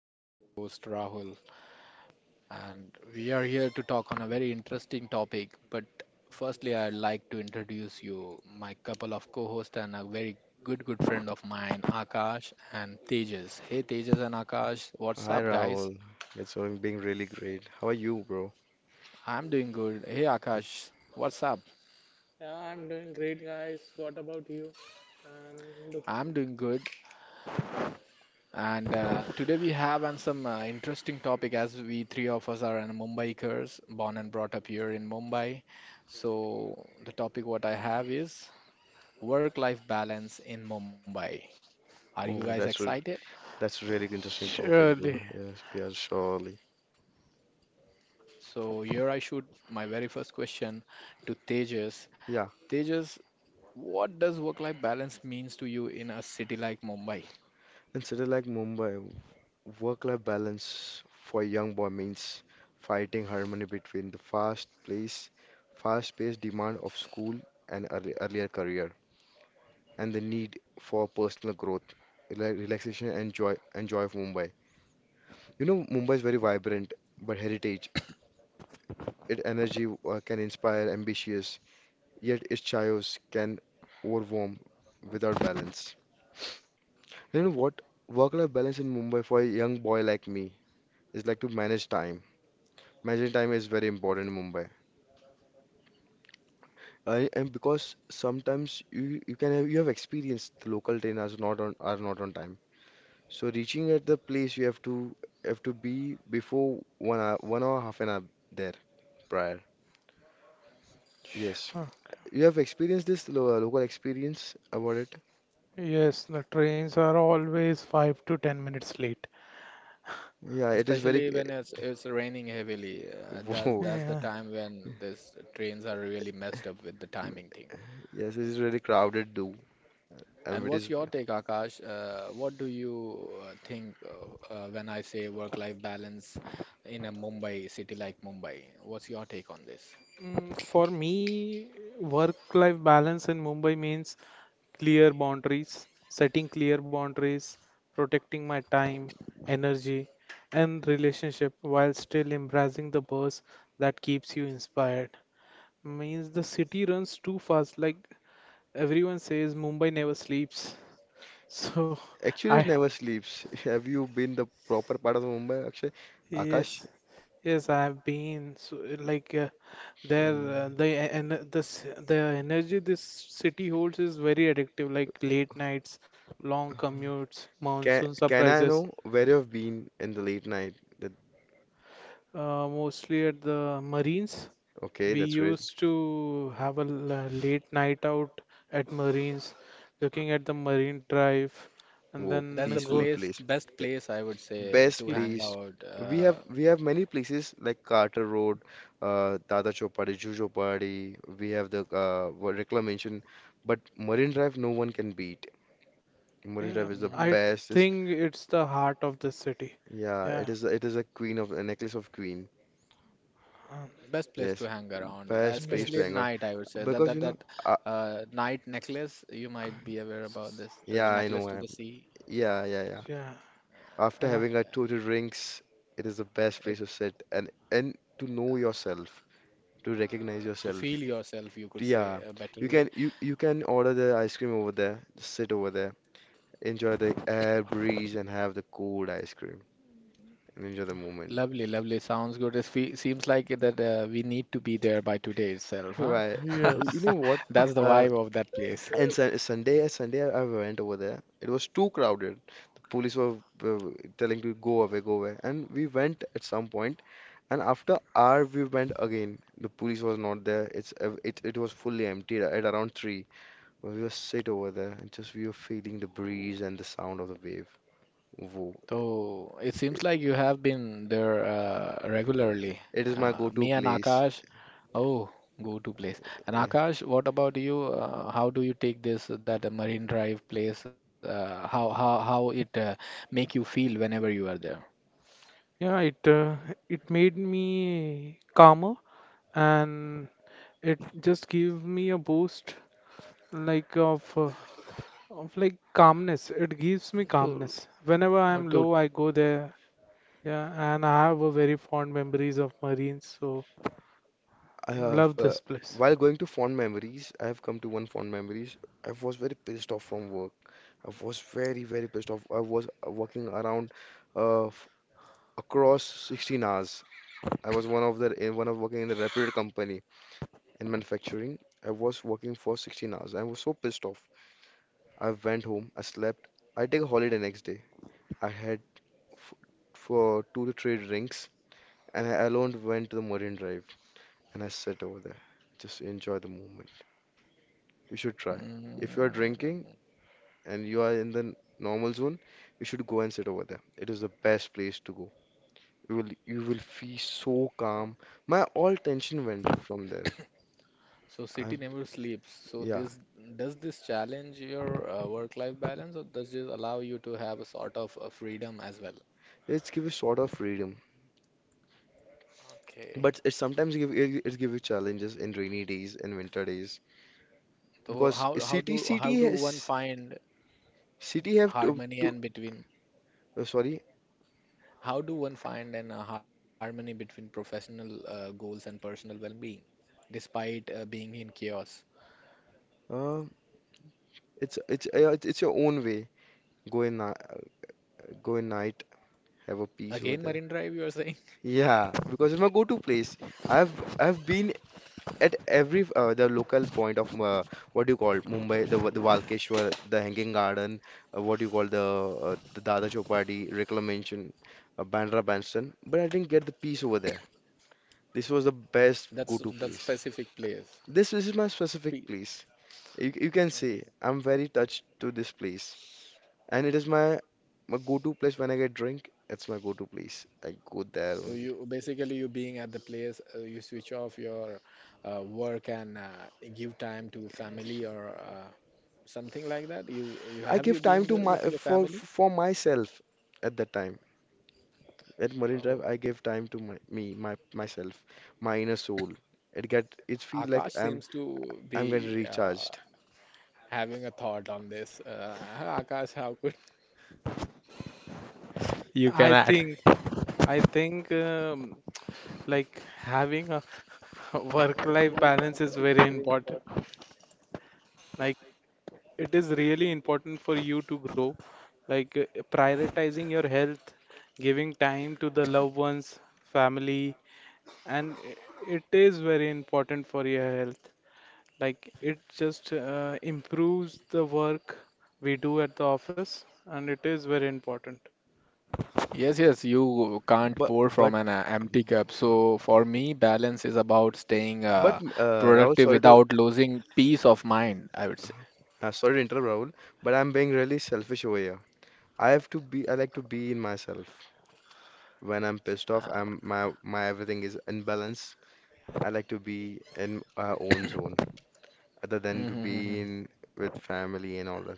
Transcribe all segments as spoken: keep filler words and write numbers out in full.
This is your host, Rahul, and we are here to talk on a very interesting topic. But firstly, I'd like to introduce you my couple of co hosts and a very good, good friend of mine, Akash and Tejas. Hey, Tejas and Akash, what's Hi up, Rahul, guys? it's been being really great. How are you, bro? I'm doing good. Hey, That's- Akash, what's up? Yeah, I'm doing great, guys. What about you? And look, I'm doing good. And uh, today we have on some uh, interesting topic as we three of us are an Mumbaikers, born and brought up here in Mumbai. So the topic what I have is work-life balance in Mumbai. Are you guys Oh, that's a excited? that's a really interesting topic, bro. surely. Yes, we are surely. So here I shoot my very first question to Tejas. Yeah, Tejas, what does work-life balance means to you in a city like Mumbai? in city like Mumbai, work-life balance for a young boy means fighting harmony between the fast place, fast-paced demand of school and early, earlier career, and the need for personal growth, rela- relaxation, and joy, and joy of Mumbai. You know, Mumbai is very vibrant, but heritage, its energy uh, can inspire ambitious yet its chaos can overwhelm without balance. You know what? Work-life balance in Mumbai for a young boy like me is like to manage time. Managing time is very important in Mumbai. I, and because sometimes you, you can have you have experienced the local train are not on are not on time. So reaching at the place you have to have to be before one hour one hour half an hour there prior. Yes, Okay. you have experienced this lo local experience about it. Yes, the trains are always five to ten minutes late. Yeah, it is very. Especially when it's it's raining heavily. Uh, that's Whoa. that's the Yeah. time when these trains are really messed up with the timing thing. Yes, it is really crowded too. And And it what's is your take, Akash? Uh, what do you uh, think uh, uh, when I say work-life balance in a Mumbai city like Mumbai? What's your take on this? Mm, For me, work-life balance in Mumbai means clear boundaries, setting clear boundaries, protecting my time, energy, and relationship while still embracing the buzz that keeps you inspired. Means the city runs too fast, like everyone says, Mumbai never sleeps. So actually it I, never sleeps. Have you been the proper part of Mumbai, Akshay? Akash, yes, yes, I have been. So like, uh, there, um, uh, the and the s- the energy this city holds is very addictive, like late nights, long commutes, can monsoon can I surprises, know where you've been in the late night? That, uh, mostly at the Marines. Okay, We that's great. used to have a l- uh, late night out at Marines, looking at the Marine Drive, and Oh, That's the then peaceful go. place, place. best Eh, place I would say Best to hang place. out. We have Uh, we have many places like Carter Road, uh, Dada Chowpatty, Juhu Chowpatty. We have the uh, what Rekla, but Marine Drive no one can beat. Marine Yeah, Drive is the hmm I best. think it's the heart of the city. Yeah, it Yeah. is it is a queen of a necklace of queen. um, Best place to Yes, hang around, best place to especially at hang Yes. on night. I would say that because you that know, that uh, uh, night necklace. You might be aware about S- this. The, yeah, the I know necklace to I the am. sea, Yeah, yeah, yeah. Yeah. After Uh, having a uh, total drinks, it is the best place it, to sit and and to know yourself, to recognize uh, to feel yourself. yourself, you could say Yeah, a you better way. can you you can order the ice cream over there, just sit over there, enjoy the air breeze and have the cold ice cream and enjoy the moment. Lovely, lovely. Sounds good. It fe seems like it that uh, we need to be there by today itself, Why? huh? You yes. know what? That's the Uh, vibe of that place. And Sun Sunday, Sunday, I I went over there. It was too crowded. The police were, were telling to go away, go away. And we went at some point, and after hour we went again. The police was not there. It's ev- it it was fully empty at around three. We were sit over there and just we were feeling the breeze and the sound of the wave. Whoa. So it seems like you have been there uh, regularly. It is my Uh, go-to me and place. Akash, oh, go to place. And Akash, what about you? Uh, how do you take this that uh, Marine Drive place? Uh, how how how it uh, make you feel whenever you are there? Yeah, it uh, it made me calmer, and it just gave me a boost, like of uh, of like calmness. It gives me To calmness. Whenever I to am low, I go there. Yeah, and I have a very fond memories of Marines, so I have, love uh, this place. while going to fond memories, I have come to one fond memories. I was very pissed off from work. I was very, very pissed off. I was uh, working around uh, f- across sixteen hours. I was one of the in one of working in a reputed company in manufacturing. I was working for sixteen hours. I was so pissed off. I went home. I slept. I take a holiday next day. I had f for two to three drinks, and I alone went to the Marine Drive, and I sat over there, just enjoy the moment. You should try. If you are drinking mm, and you are in the normal zone, you should go and sit over there. It is the best place to go. You will you will feel so calm. My all tension went from there. So city I never sleeps. So Yeah. this does this challenge your uh, work-life balance, or does this allow you to have a sort of a freedom as well? It's give you sort of freedom. Okay. But it sometimes give it, it give you challenges in rainy days and winter days So because how how city do how city do one has find city have to harmony to and between uh, sorry. how do one find an uh, harmony between professional uh, goals and personal well-being despite uh, being in chaos? Uh it's it's uh, it's it's your own way. Go in ni- go in night have a peace over Again, there. Marine Drive, you are saying? Yeah, because it's my go-to place. I've I've been at every uh, the local point of uh, what do you call Mumbai, the the Walkeshwar, the Hanging Garden, uh, what do you call the uh, the Dada Chowpatty, Reclamation, uh, Bandra Bandstand. But I didn't get the peace over there. This was the best That's go-to that's place. specific place. This is my Pe- specific place. You you can say I'm very touched to this place, and it is my my go-to place when I get drink. It's my go-to place. I go there So only. you basically you being at the place, uh, you switch off your uh, work and uh, give time to family or uh, something like that. You you I have you give time been to there with my your for family? for myself at that time. At Marine Drive, Oh, I give time to my me, my myself, my inner soul. It get it feel like Akash I'm seems to I'm getting be uh, recharged. having a thought on this. Uh, Akash, how could you can I act? think I think um, like having a work-life balance is very important. Like, it is really important for you to grow, like, uh, prioritizing your health, giving time to the loved ones, family, and i- it is very important for your health. Like, it just uh, improves the work we do at the office, and it is very important. Yes, yes, you can't But pour but from an uh, empty cup. So for me, balance is about staying but uh, uh, Rahul, productive sorry to without losing peace of mind, I would say. uh, sorry to interrupt Rahul, but I'm being really selfish over here. I have to be I like to be in myself. When I'm pissed off, I'm my my everything is in balance. I like to be in our own zone, other than to Uh, be in with family and all.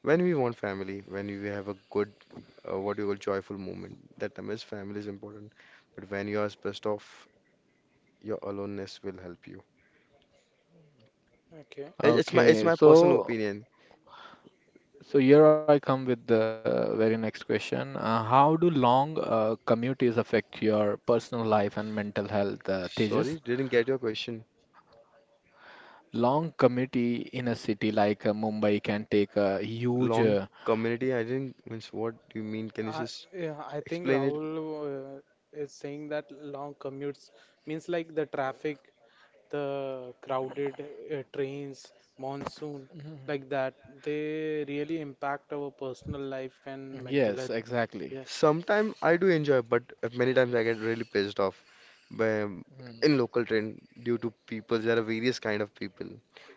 When we want family, when we have a good, uh, what you call joyful moment, that time is family is important. But when you are pissed off, your aloneness will help you. Okay. It- It's my it's Okay, my personal so opinion. so here I come with the very next question. Uh, how do long uh, commutes affect your personal life and mental health, uh, Tejas? Sorry, didn't get your question. Long commute in a city like uh, Mumbai can take a huge. Long Uh, community, I didn't. Means what do you mean? Can you I, just yeah, I think explain it? Rahul uh, is saying that long commutes means, like, the traffic, the crowded, uh, trains, monsoon, Mhm. like that, they really impact our personal life and mental health. Yes, exactly. Yeah, Sometimes I do enjoy, but many times I get really pissed off by, Mm. in local train due to people. There are various kind of people,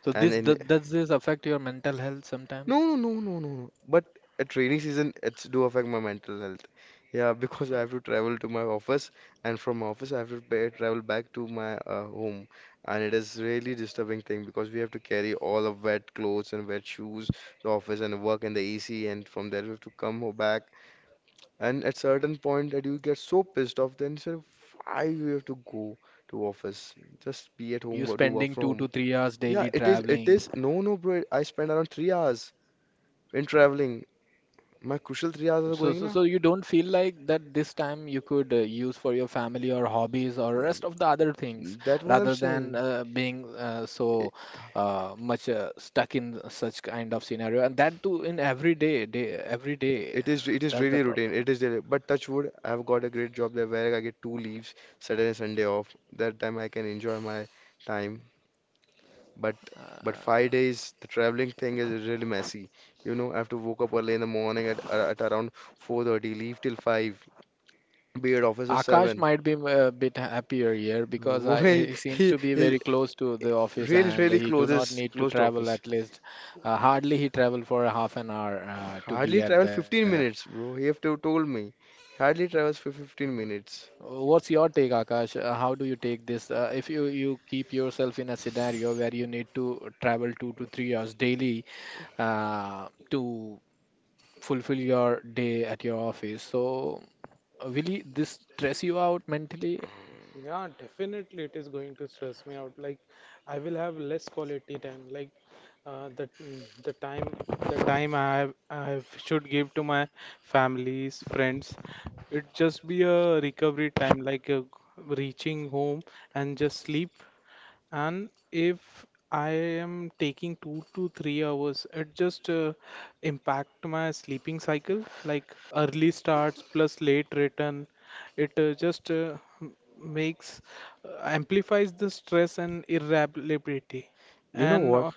So and this in th does this affect your mental health sometimes? no, no, no, no, no, no. But at rainy season, it's do affect my mental health. Yeah, because I have to travel to my office, and from my office I have to pay, travel back to my uh, home, and it is really disturbing thing because we have to carry all of wet clothes and wet shoes to office and work in the A C, and from there we have to come ho- back. And at certain point that you get so pissed off, then you say, why we have to go to office? Just be at home, You wo- do work spending from two to home. three hours Yeah, daily it is. It traveling. is. No, no, bro. I spend around three hours in traveling my crucial three hours are So, going so, now. so you don't feel like that this time you could uh, use for your family or hobbies or rest of the other things That what I'm rather than saying. uh, being uh, I- so uh, much uh, stuck in such kind of scenario and that too in every day, day every day. Uh, It is it is that's the really routine. problem. It is really, but touch wood, I've got a great job there where I get two leaves, Saturday and Sunday off. That time I can enjoy my time. But but five Uh, days, the traveling thing is really messy. You know, I have to woke up early in the morning at at around four thirty, leave till five, be at office at Akash seven. might be a bit happier here because I, Boy, he seems he to be is very close to the office really and really he do not closes need to closed travel office. at least. Uh, hardly he travel for a half an hour uh, to be Hardly at travel the. fifteen minutes, bro. He have to told me. Hardly travels for fifteen minutes. What's your take, Akash? Uh, how do you take this? Uh, if you, you keep yourself in a scenario where you need to travel two to three hours daily uh, to fulfill your day at your office, so uh, will you, this stress you out mentally? yeah, definitely it is going to stress me out. Like, I will have less quality time. Like, uh, the the time the time I have- I have- should give to my families, friends. It just be a recovery time, like uh, reaching home and just sleep. And if I am taking two to three hours, it just uh, impact my sleeping cycle. Like early starts plus late return, it, uh, just uh, m- makes, uh, amplifies the stress and irritability. You know And what? uh,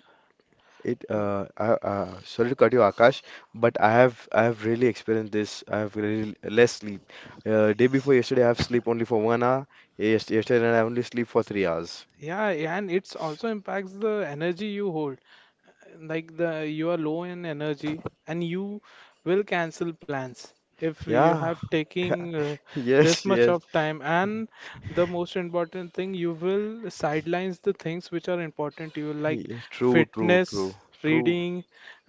It uh, I, uh sorry to cut you, Akash, but I have I have really experienced this. I have really less sleep. Uh, day before yesterday, I have sleep only for one hour. Yes, yesterday night I only sleep for three hours. yeah, and it's also impacts the energy you hold. Like, the you are low in energy, and you will cancel plans if you Yeah. have taking uh, this Yes, much yes. of time. And the most important thing, you will sidelines the things which are important to you, like Yeah, true, true, fitness, true, true. reading,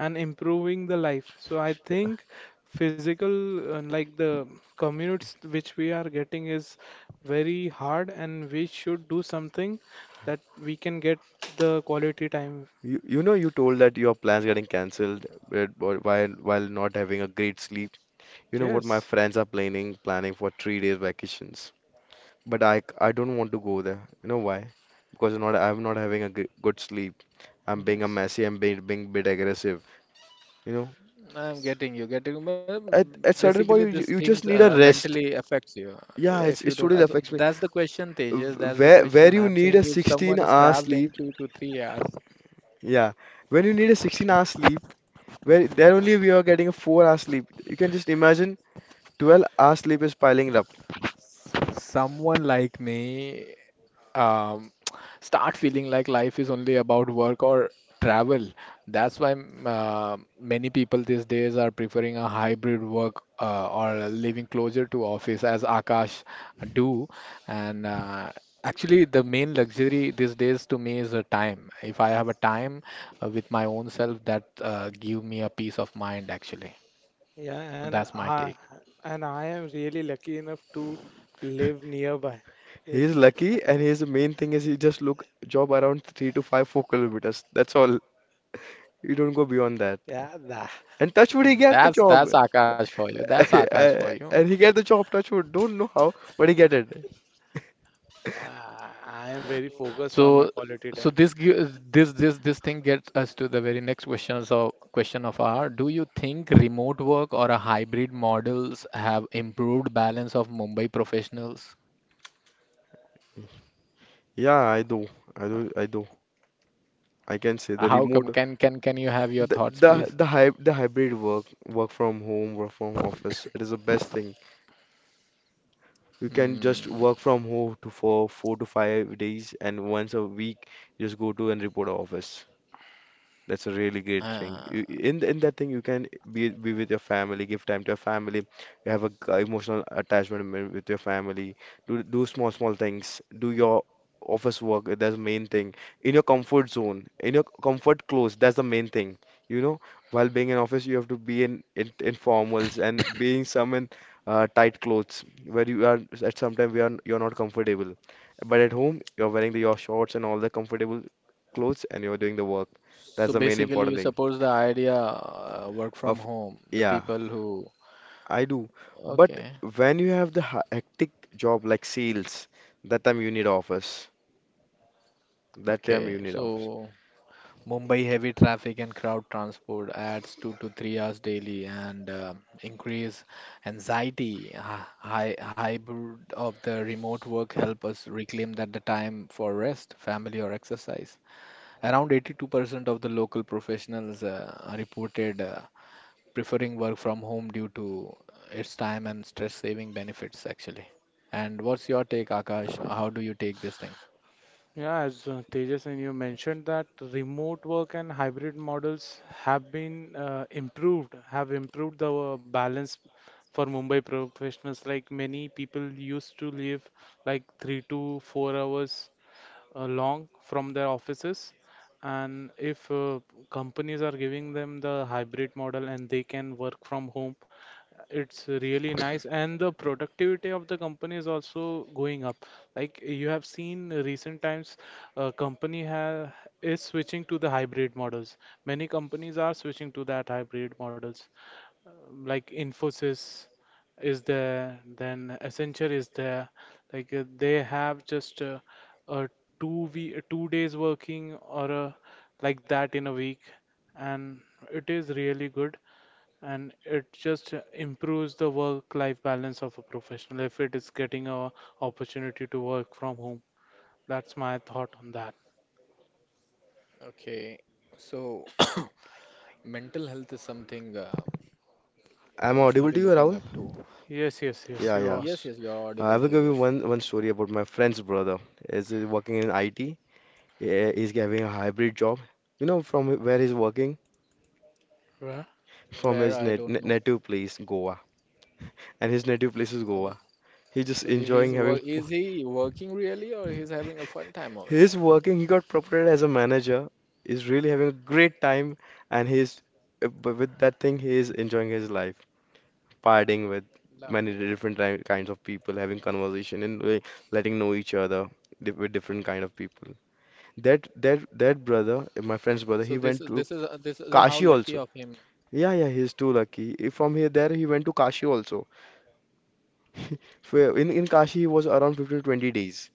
and improving the life. So I think physical, uh, like, the commutes which we are getting is very hard, and we should do something that we can get the quality time. You you know you told that your plans getting cancelled uh, while while not having a great sleep. You know what? My Yes. friends are planning planning for three days vacations, but I, I c- I don't want to go there. You know why? Because I'm not I'm not having a g good sleep. I'm being a Yes. messy. I'm being being bit aggressive. You know, I'm getting you, getting well, at at basically certain these point you you things just uh, need a mentally rest. affects you. uh, Yeah, If it's you it don't, uh, totally so affects me. that's the question, Tejas. W- That's the Where where question. you I'm need saying a if someone 16 is hour traveling sleep. two to three hours, Yeah, when you need a sixteen hour sleep, where there only we are getting a four hour sleep. You can just imagine twelve hour sleep is piling up. someone like me um, start feeling like life is only about work or travel. That's why mm, uh, many people these days are preferring a hybrid work uh, or living closer to office, as Akash do. And uh, actually, the main luxury these days to me is a time. If I have a time uh, with my own self, that uh, give me a peace of mind. Actually, Yeah, and that's my I take. and I am really lucky enough to live nearby. He Yes, is lucky, and his main thing is he just look job around three to five four kilometers. That's all. You don't go beyond that. yeah, that, And touch wood, he get the That's job. that's Akash for you. That's Akash for you. And he get the job. Touch wood. Don't know how, but he get it. uh, I am very focused on my So, quality so time. this gives this this this thing gets us to the very next question. So, question of our, do you think remote work or a hybrid models have improved balance of Mumbai professionals? Yeah, I do. I Uh, do. I do. I can say the How come? remote, Can can can you have your the thoughts, the please? the, hy the hybrid work, work from home, work from office. It is the best thing. You can just Hmm. work from home to for four to five days, and once a week, just go to and report office. That's a really great thing. You- Uh, In in that thing, you can be be with your family, give time to your family. You have a g- emotional attachment wi- with your family. Do do small small things. Do your office work. That's the main thing. In your comfort zone, in your comfort clothes. That's the main thing. You know, while being in office, you have to be in in, in formals and being some in uh, tight clothes where you are at some time we are you're not comfortable. But at home, you're wearing the, your shorts and all the comfortable clothes, and you're doing the work. so That's the main basically, you important thing. suppose the idea uh, work from Of home, the Yeah, people who. I do. But Okay, when you have the ha- hectic job like sales, that time you need office. That time okay. you need office. So Mumbai heavy traffic and crowd transport adds two to three hours daily and uh, increase anxiety. Hy- hy- Hybrid of the remote work help us reclaim that the time for rest, family or exercise. Around eighty-two percent of the local professionals uh, reported uh, preferring work from home due to its time and stress saving benefits actually. And what's your take, Akash? How do you take this thing? Yeah, as, uh, Tejas and you mentioned that remote work and hybrid models have been uh, improved, have improved the uh, balance for Mumbai professionals. Like, many people used to live like three to four hours along from their offices, and if, uh, companies are giving them the hybrid model and they can work from home, it's really nice, and the productivity of the company is also going up. Like, you have seen recent times a company ha is switching to the hybrid models. Many companies are switching to that hybrid models, like Infosys is there, then Accenture is there. Like, uh, they have just, uh, a two week, two days working, or a, like that, in a week, and it is really good. And it just uh, improves the work-life balance of a professional if it is getting a opportunity to work from home. That's my thought on that. Okay, so mental health is something. Uh, one should be I'm looking Okay. audible up to you, to. Rahul? Yes, yes, yes, Yeah, Yes, you yes, are. you yes. are audible, Uh, I will Tejas. give you one one story about my friend's brother. Is uh, working in I T. Yeah, he's having a hybrid job. You know from where he's working? Right. From Where his I nat- don't na- know. native place, Goa. And his native place is Oh, Goa. He's just so he's enjoying work having. is he working really or he's having a fun time over there? He's working, he got promoted as a manager. He's really having a great time, and he's uh, b- with that thing, he is enjoying his life, partying with Lovely. many different ti- kinds of people, having conversation and uh, letting know each other di- with different kind of people. That that that brother, uh, my friend's brother, So he this went is to this is this is how Kashi lucky also. of him, Yeah, yeah, he's too lucky. If From here, there he went to Kashi also. Where In in Kashi, he was around fifteen to twenty days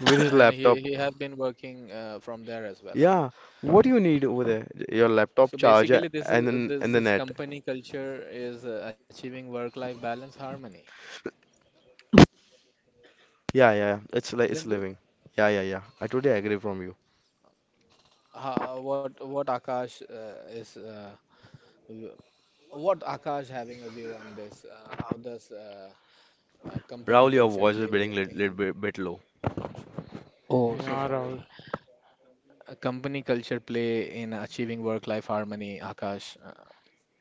with his and he laptop. he have been working uh, from there as well, huh? Yeah, what do you need over there? Your So laptop charger basically, this is and then this and the this net. company culture is uh, achieving work-life balance harmony, Yeah, yeah, yeah. It's like isn't it's it? living. Yeah, yeah, yeah. I totally agree from you. Uh, what what Akash uh, is uh, w- what Akash having a view on this? Uh, how does uh, uh, company Rahul, your culture voice is play getting little, little in. bit, bit low. Oh, so Yeah, sorry. Rahul. Uh, company culture play in achieving work life harmony, Akash. uh,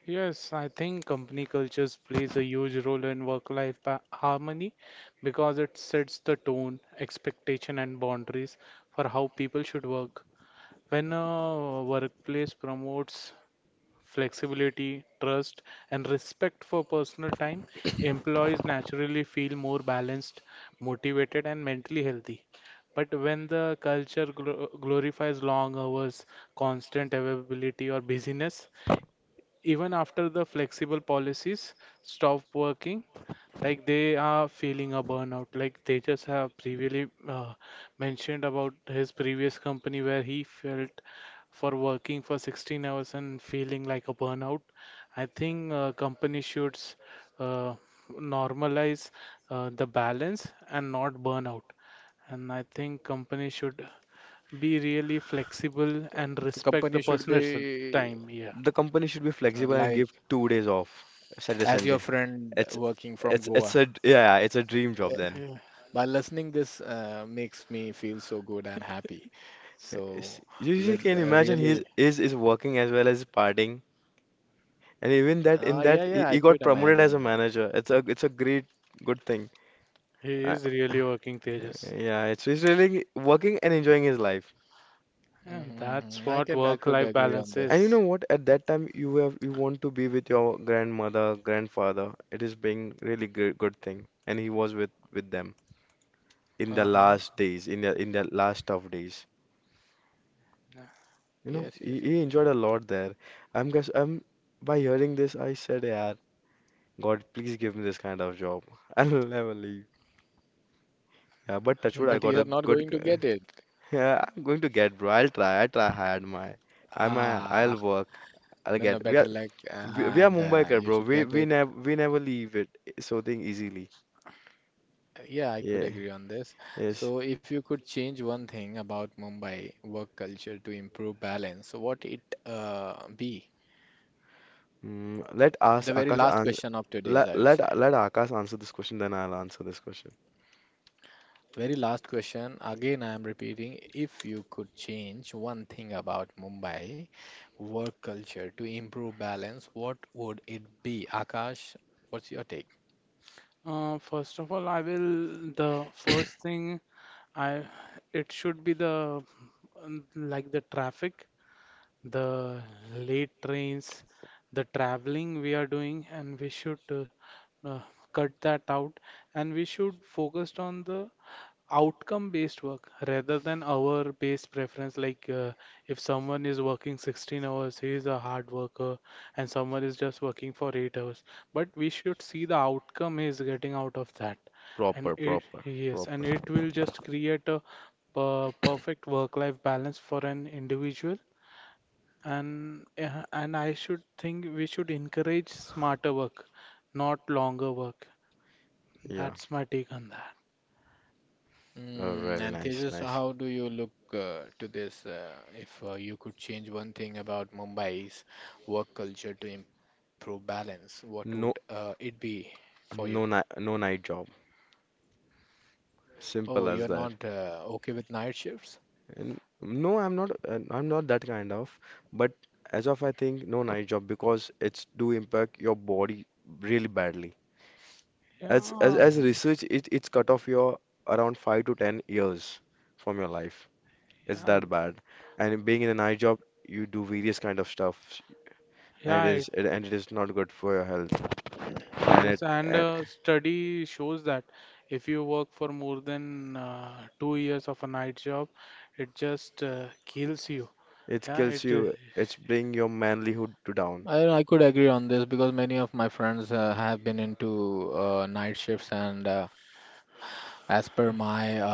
Yes, I think company cultures plays a huge role in work-life ba- harmony because it sets the tone, expectation, and boundaries for how people should work. When a workplace promotes flexibility, trust, and respect for personal time, employees naturally feel more balanced, motivated, and mentally healthy. But when the culture gl glorifies long hours, constant availability, or busyness, even after the flexible policies stop working, like they are feeling a burnout, like they just have previously uh, mentioned about his previous company where he felt for working for sixteen hours and feeling like a burnout. I think, uh, company should s- uh, normalize, uh, the balance and not burnout. And I think company should be really flexible the, and the respect company the should person's be time. Yeah. The company should be uh, flexible and like give two days off, Saturday, as your Sunday. friend It's working from it's it's Goa. a d- yeah, it's a dream Uh, job then. by listening this uh, makes me feel so good and happy. It's- so You you can with uh, imagine he's really, is is working as well as partying, and even that in uh, that yeah, he, yeah, he I got could promoted as a imagine that. manager. It's a it's a great good thing. He is really working, Tejas. Yeah, it's he's really working and enjoying his life. Yeah, that's hmm I what can I could work-life agree balance on And this. you is. know what? At that time, you have you want to be with your grandmother, grandfather. It is being really good good thing. And he was with with them in the Uh-huh. last days, in the in the last tough days. Yeah. You know, Yes, yes, he, he yes, yes, enjoyed a lot there. I'm guess I'm by hearing this, I said, yeah, God, please give me this kind of job. I'll never leave. Yeah, but touch wood, Yeah. I but got a you're not good. going to g- get it. Yeah, I'm going to get, bro. I'll try. I try hard, my. I'm a, I'll Ah, work. I'll no, no, get. We are. better luck, uh, We, we are and uh, Mumbaikar, you bro. should We get we it. never we never leave it so thing easily. Yeah, I could Yeah. agree on this. Yes. So, if you could change one thing about Mumbai work culture to improve balance, what it uh, be? Mm, let us The very Akash last an question of today's, Let I would let say. let Akash answer this question, then I'll answer this question. Very last question. Again, I am repeating. If you could change one thing about Mumbai work culture to improve balance, what would it be? Akash, what's your take? Uh, first of all, I will. The first thing, I it should be the, um, like, the traffic, the late trains, the traveling we are doing, and we should, uh, uh, cut that out. And we should focus on the outcome based work rather than hour based preference. Like, uh, if someone is working sixteen hours, he is a hard worker, and someone is just working for eight hours, but we should see the outcome he is getting out of that. And Proper, it proper, yes, proper. and it will just create a per perfect work life balance for an individual. And uh, and I should think we should encourage smarter work, not longer work. Yeah. That's my take on that. Oh, Mm, really And nice, Tejas, nice. how do you look uh, to this? Uh, if uh, you could change one thing about Mumbai's work culture to improve balance, what would uh, No, it be for you? no night, no night job. Oh, you're Simple as not that. uh, okay with night shifts? And no, I'm not. uh, I'm not that kind of. But as of I think, no night job because it's do impact your body really badly. As as Yeah, as hmm research, it it's cut off your around five to ten years from your life. It's yeah, that bad. And being in a night job, you do various kind of stuff, and it yeah. is and it is not good for your health. And Yes, it and and uh, study shows that if you work for more than, uh, two years of a night job, it just uh, kills you. it Yeah, kills it. Uh, you. It's bring your manlyhood to down. I, I could agree on this because many of my friends uh, have been into uh, night shifts, and uh, as per my uh,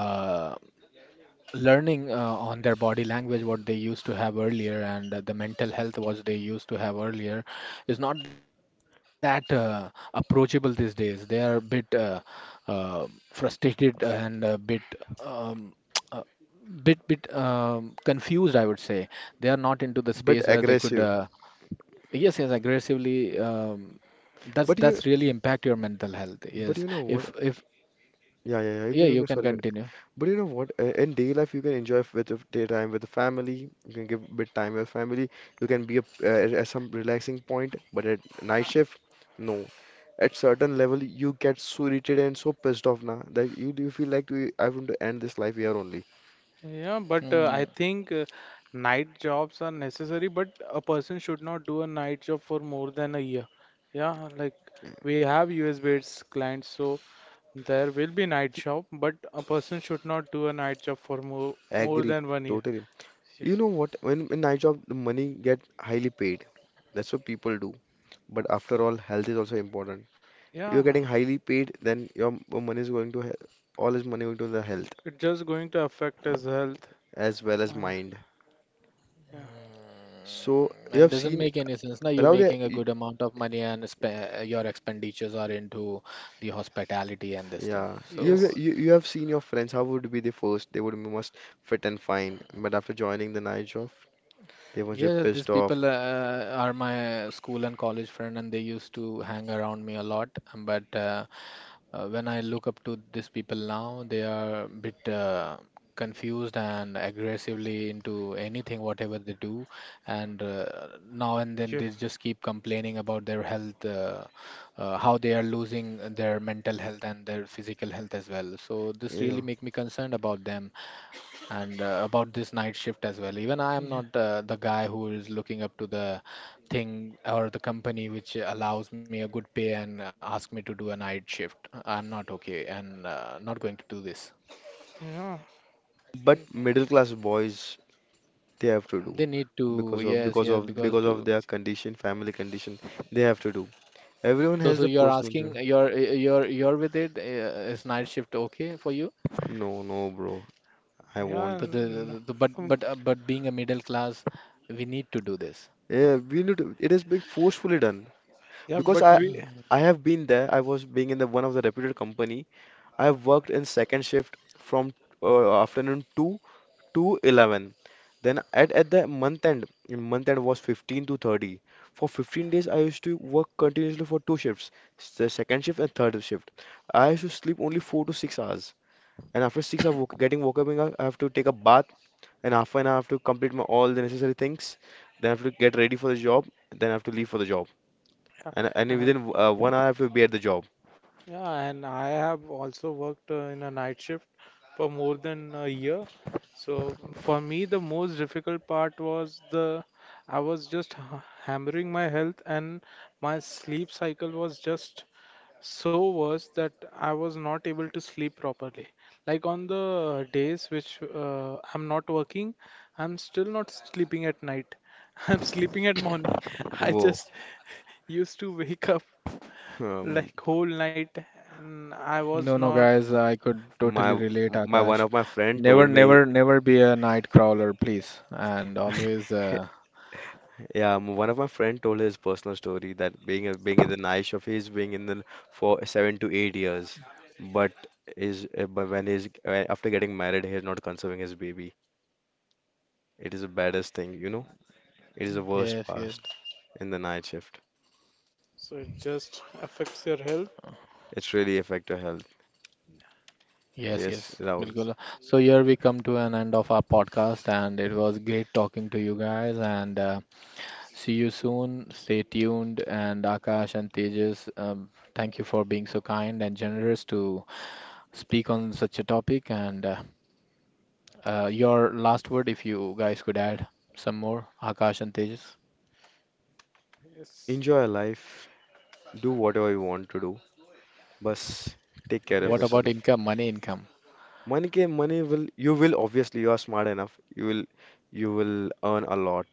learning uh, on their body language what they used to have earlier and uh, the mental health what they used to have earlier is not that uh, approachable these days. They are a bit uh, uh, frustrated and a bit um, uh, bit bit um, confused, I would say. They are not into the space But where they could. aggressive. Uh, yes, yes, aggressively, um, that's But you that's really impact your mental health. but Yes, you know what? if if. Yeah, yeah, yeah. You yeah, can- you you can- can Sorry. continue. But you know what? uh, In day life, you can enjoy f- with of daytime with the family. You can give bit time with family. You can be a, uh, at some relaxing point. But at night shift, no. At certain level, you get so irritated and so pissed off now that you you feel like we, I want to end this life here only. Yeah, but uh, I Hmm. think, uh, night jobs are necessary, but a person should not do a night job for more than a year. Yeah, like we have U S-based clients, so there will be night job, but a person should not do a night job for more more Agree, than one year. totally. You Yes. know what? When in night job, the money get highly paid. That's what people do. But after all, health is also important. You're Yeah, getting highly paid, then your m- money is going to he- all is money going to the health it's just going to affect his health. as well as Uh, mind. yeah. So Mm, you And have doesn't seen. make any sense. Now you're Rahul, yeah, making a y- good amount of money and spe- your expenditures are into the hospitality and this thing. yeah, you, So have- Yes, you you have seen your friends. How would be the first? They would be most fit and fine, but after joining the night job, they must be yeah, these pissed people off. uh, are my school and college friend, and they used to hang around me a lot. But uh, Uh, when I look up to these people now, they are a bit uh, confused and aggressively into anything, whatever they do. And uh, now and then yeah, they just keep complaining about their health, uh, uh, how they are losing their mental health and their physical health as well. So this Yeah, really make me concerned about them and uh, about this night shift as well. Even I am yeah, not uh, the guy who is looking up to the thing or the company which allows me a good pay and ask me to do a night shift. I'm not okay and uh, not going to do this. yeah, but middle class boys, they have to do They need to, because of yes, because yes, of because because of to. their condition, family condition, they have to do. Everyone So, has so the you're personal asking, job. you're you're you're with it. Uh, is night shift okay for you? No, no, bro, I won't. yeah, The, the, n- the, the but um, but uh, but being a middle class, we need to do this. Yeah, we need to, it is being forcefully done yeah, because but I we, I have been there. I was being in the one of the reputed company. I've worked in second shift from uh, afternoon two to eleven. Then at, at the month end, month end was fifteen to thirty. For fifteen days, I used to work continuously for two shifts, the second shift and third shift. I used to sleep only four to six hours. And after six hours woke, getting woke up, I have to take a bath. And after an hour, I have to complete my, all the necessary things. Then I have to get ready for the job. Then I have to leave for the job. yeah, And, and and within uh, one hour, I have to be at the job. yeah, and I have also worked, uh, in a night shift for more than a year. So for me, the most difficult part was, the I was just ha hammering my health, and my sleep cycle was just so, was that I was not able to sleep properly. Like, on the days which, uh, I'm not working, I'm still not sleeping at night. I'm sleeping at morning. I Whoa. just used to wake up Um, like whole night, and I was No, no, not. guys, I could totally My relate, my one Akash. of my friend Never, told me, never, never be a night crawler, please. And always, uh, yeah, m- one of my friend told his personal story that being a, being in the night shift, he's being in the for seven to eight years, but is uh, but when he's uh, after getting married, he's not conserving his baby. It is the baddest thing, you know. It is the worst yes, yes, past in the night shift. So it just affects your health. It's really affect your health. yes, Yes, yes, Rahul. Bilkul. So here we come to an end of our podcast, and it was great talking to you guys. And uh, see you soon. Stay tuned. And Akash and Tejas, um, thank you for being so kind and generous to speak on such a topic. And uh, uh, your last word, if you guys could add some more, Akash and Tejas. Yes, Enjoy your life. Do whatever you want to do. Bus, take care of What yes. about yourself. income, money income? Money can money will you will obviously you are smart enough. You will you will earn a lot,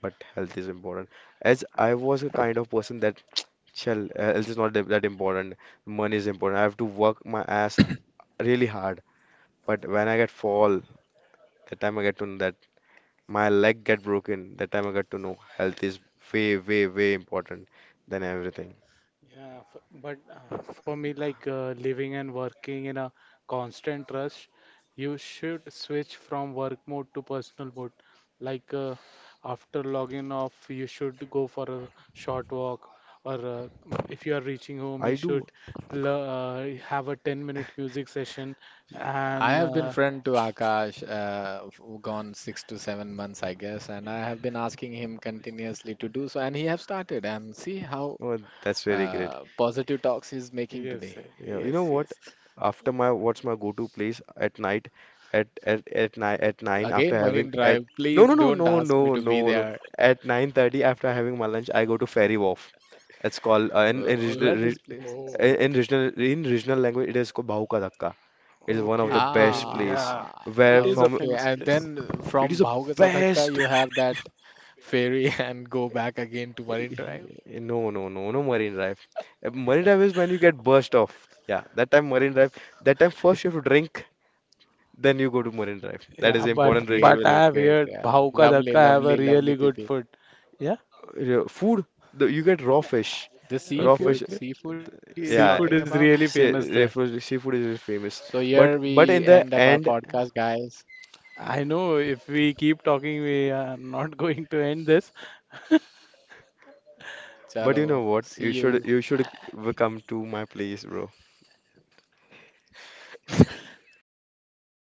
but health is important. As I was a kind of person that shall health is not that that important. Money is important. I have to work my ass really hard. But when I get fall, that time I get to know that my leg get broken. That time I get to know health is way way way important than everything. Yeah, f but uh, for me, like, uh, living and working in a constant rush, you should switch from work mode to personal mode. Like, uh, after logging off, you should go for a short walk, or, uh, if you are reaching home, you I do. should, l uh, have a ten-minute music session. I And have been uh, friend to Akash, uh, who gone six to seven months, I guess, and I have been asking him continuously to do so, and he have started. And see how Oh, that's really great. uh, positive talks he's making yes, uh, today. Yeah, you yes, know what? yes. After my what's my go-to place at night at at at nine at nine Again, after having Marine at. Drive. No, Please no, no, don't no, ask me no, to no, be no, there. at nine thirty after having my lunch I go to Fairy Wharf. It's called uh, in Uh, in uh, regional where re- this place is? Oh, in in regional in regional language it is called Bahu Ka Dhaka. It is one of okay, the okay, best place yeah. Ah, It where is a from okay. famous And place. then it is from the Bhauga Sadhaka, best. you have that ferry and go back again to Marine Drive. eh, No, no, no, no Marine Drive. Uh, Marine Drive is when you get burst off. Yeah, that time Marine Drive. That time first you have to drink. Then you go to Marine Drive. That Yeah, is an but important Great, but ritual. great, I have great. heard Yeah. Bhauka Lovely, Dhaka lovely, have a lovely, really Titi. good food. Yeah, Re- Food, the, you get raw fish. The Raw okay, fish, seafood, okay. seafood he is talking yeah. Seafood about. is really Sea, famous there. seafood seafood is So famous. here But we but in end the up our end, podcast, guys. I know if we keep talking, we are not going to end this. but you know Chalo, what? see You should you. you should come to my place, bro.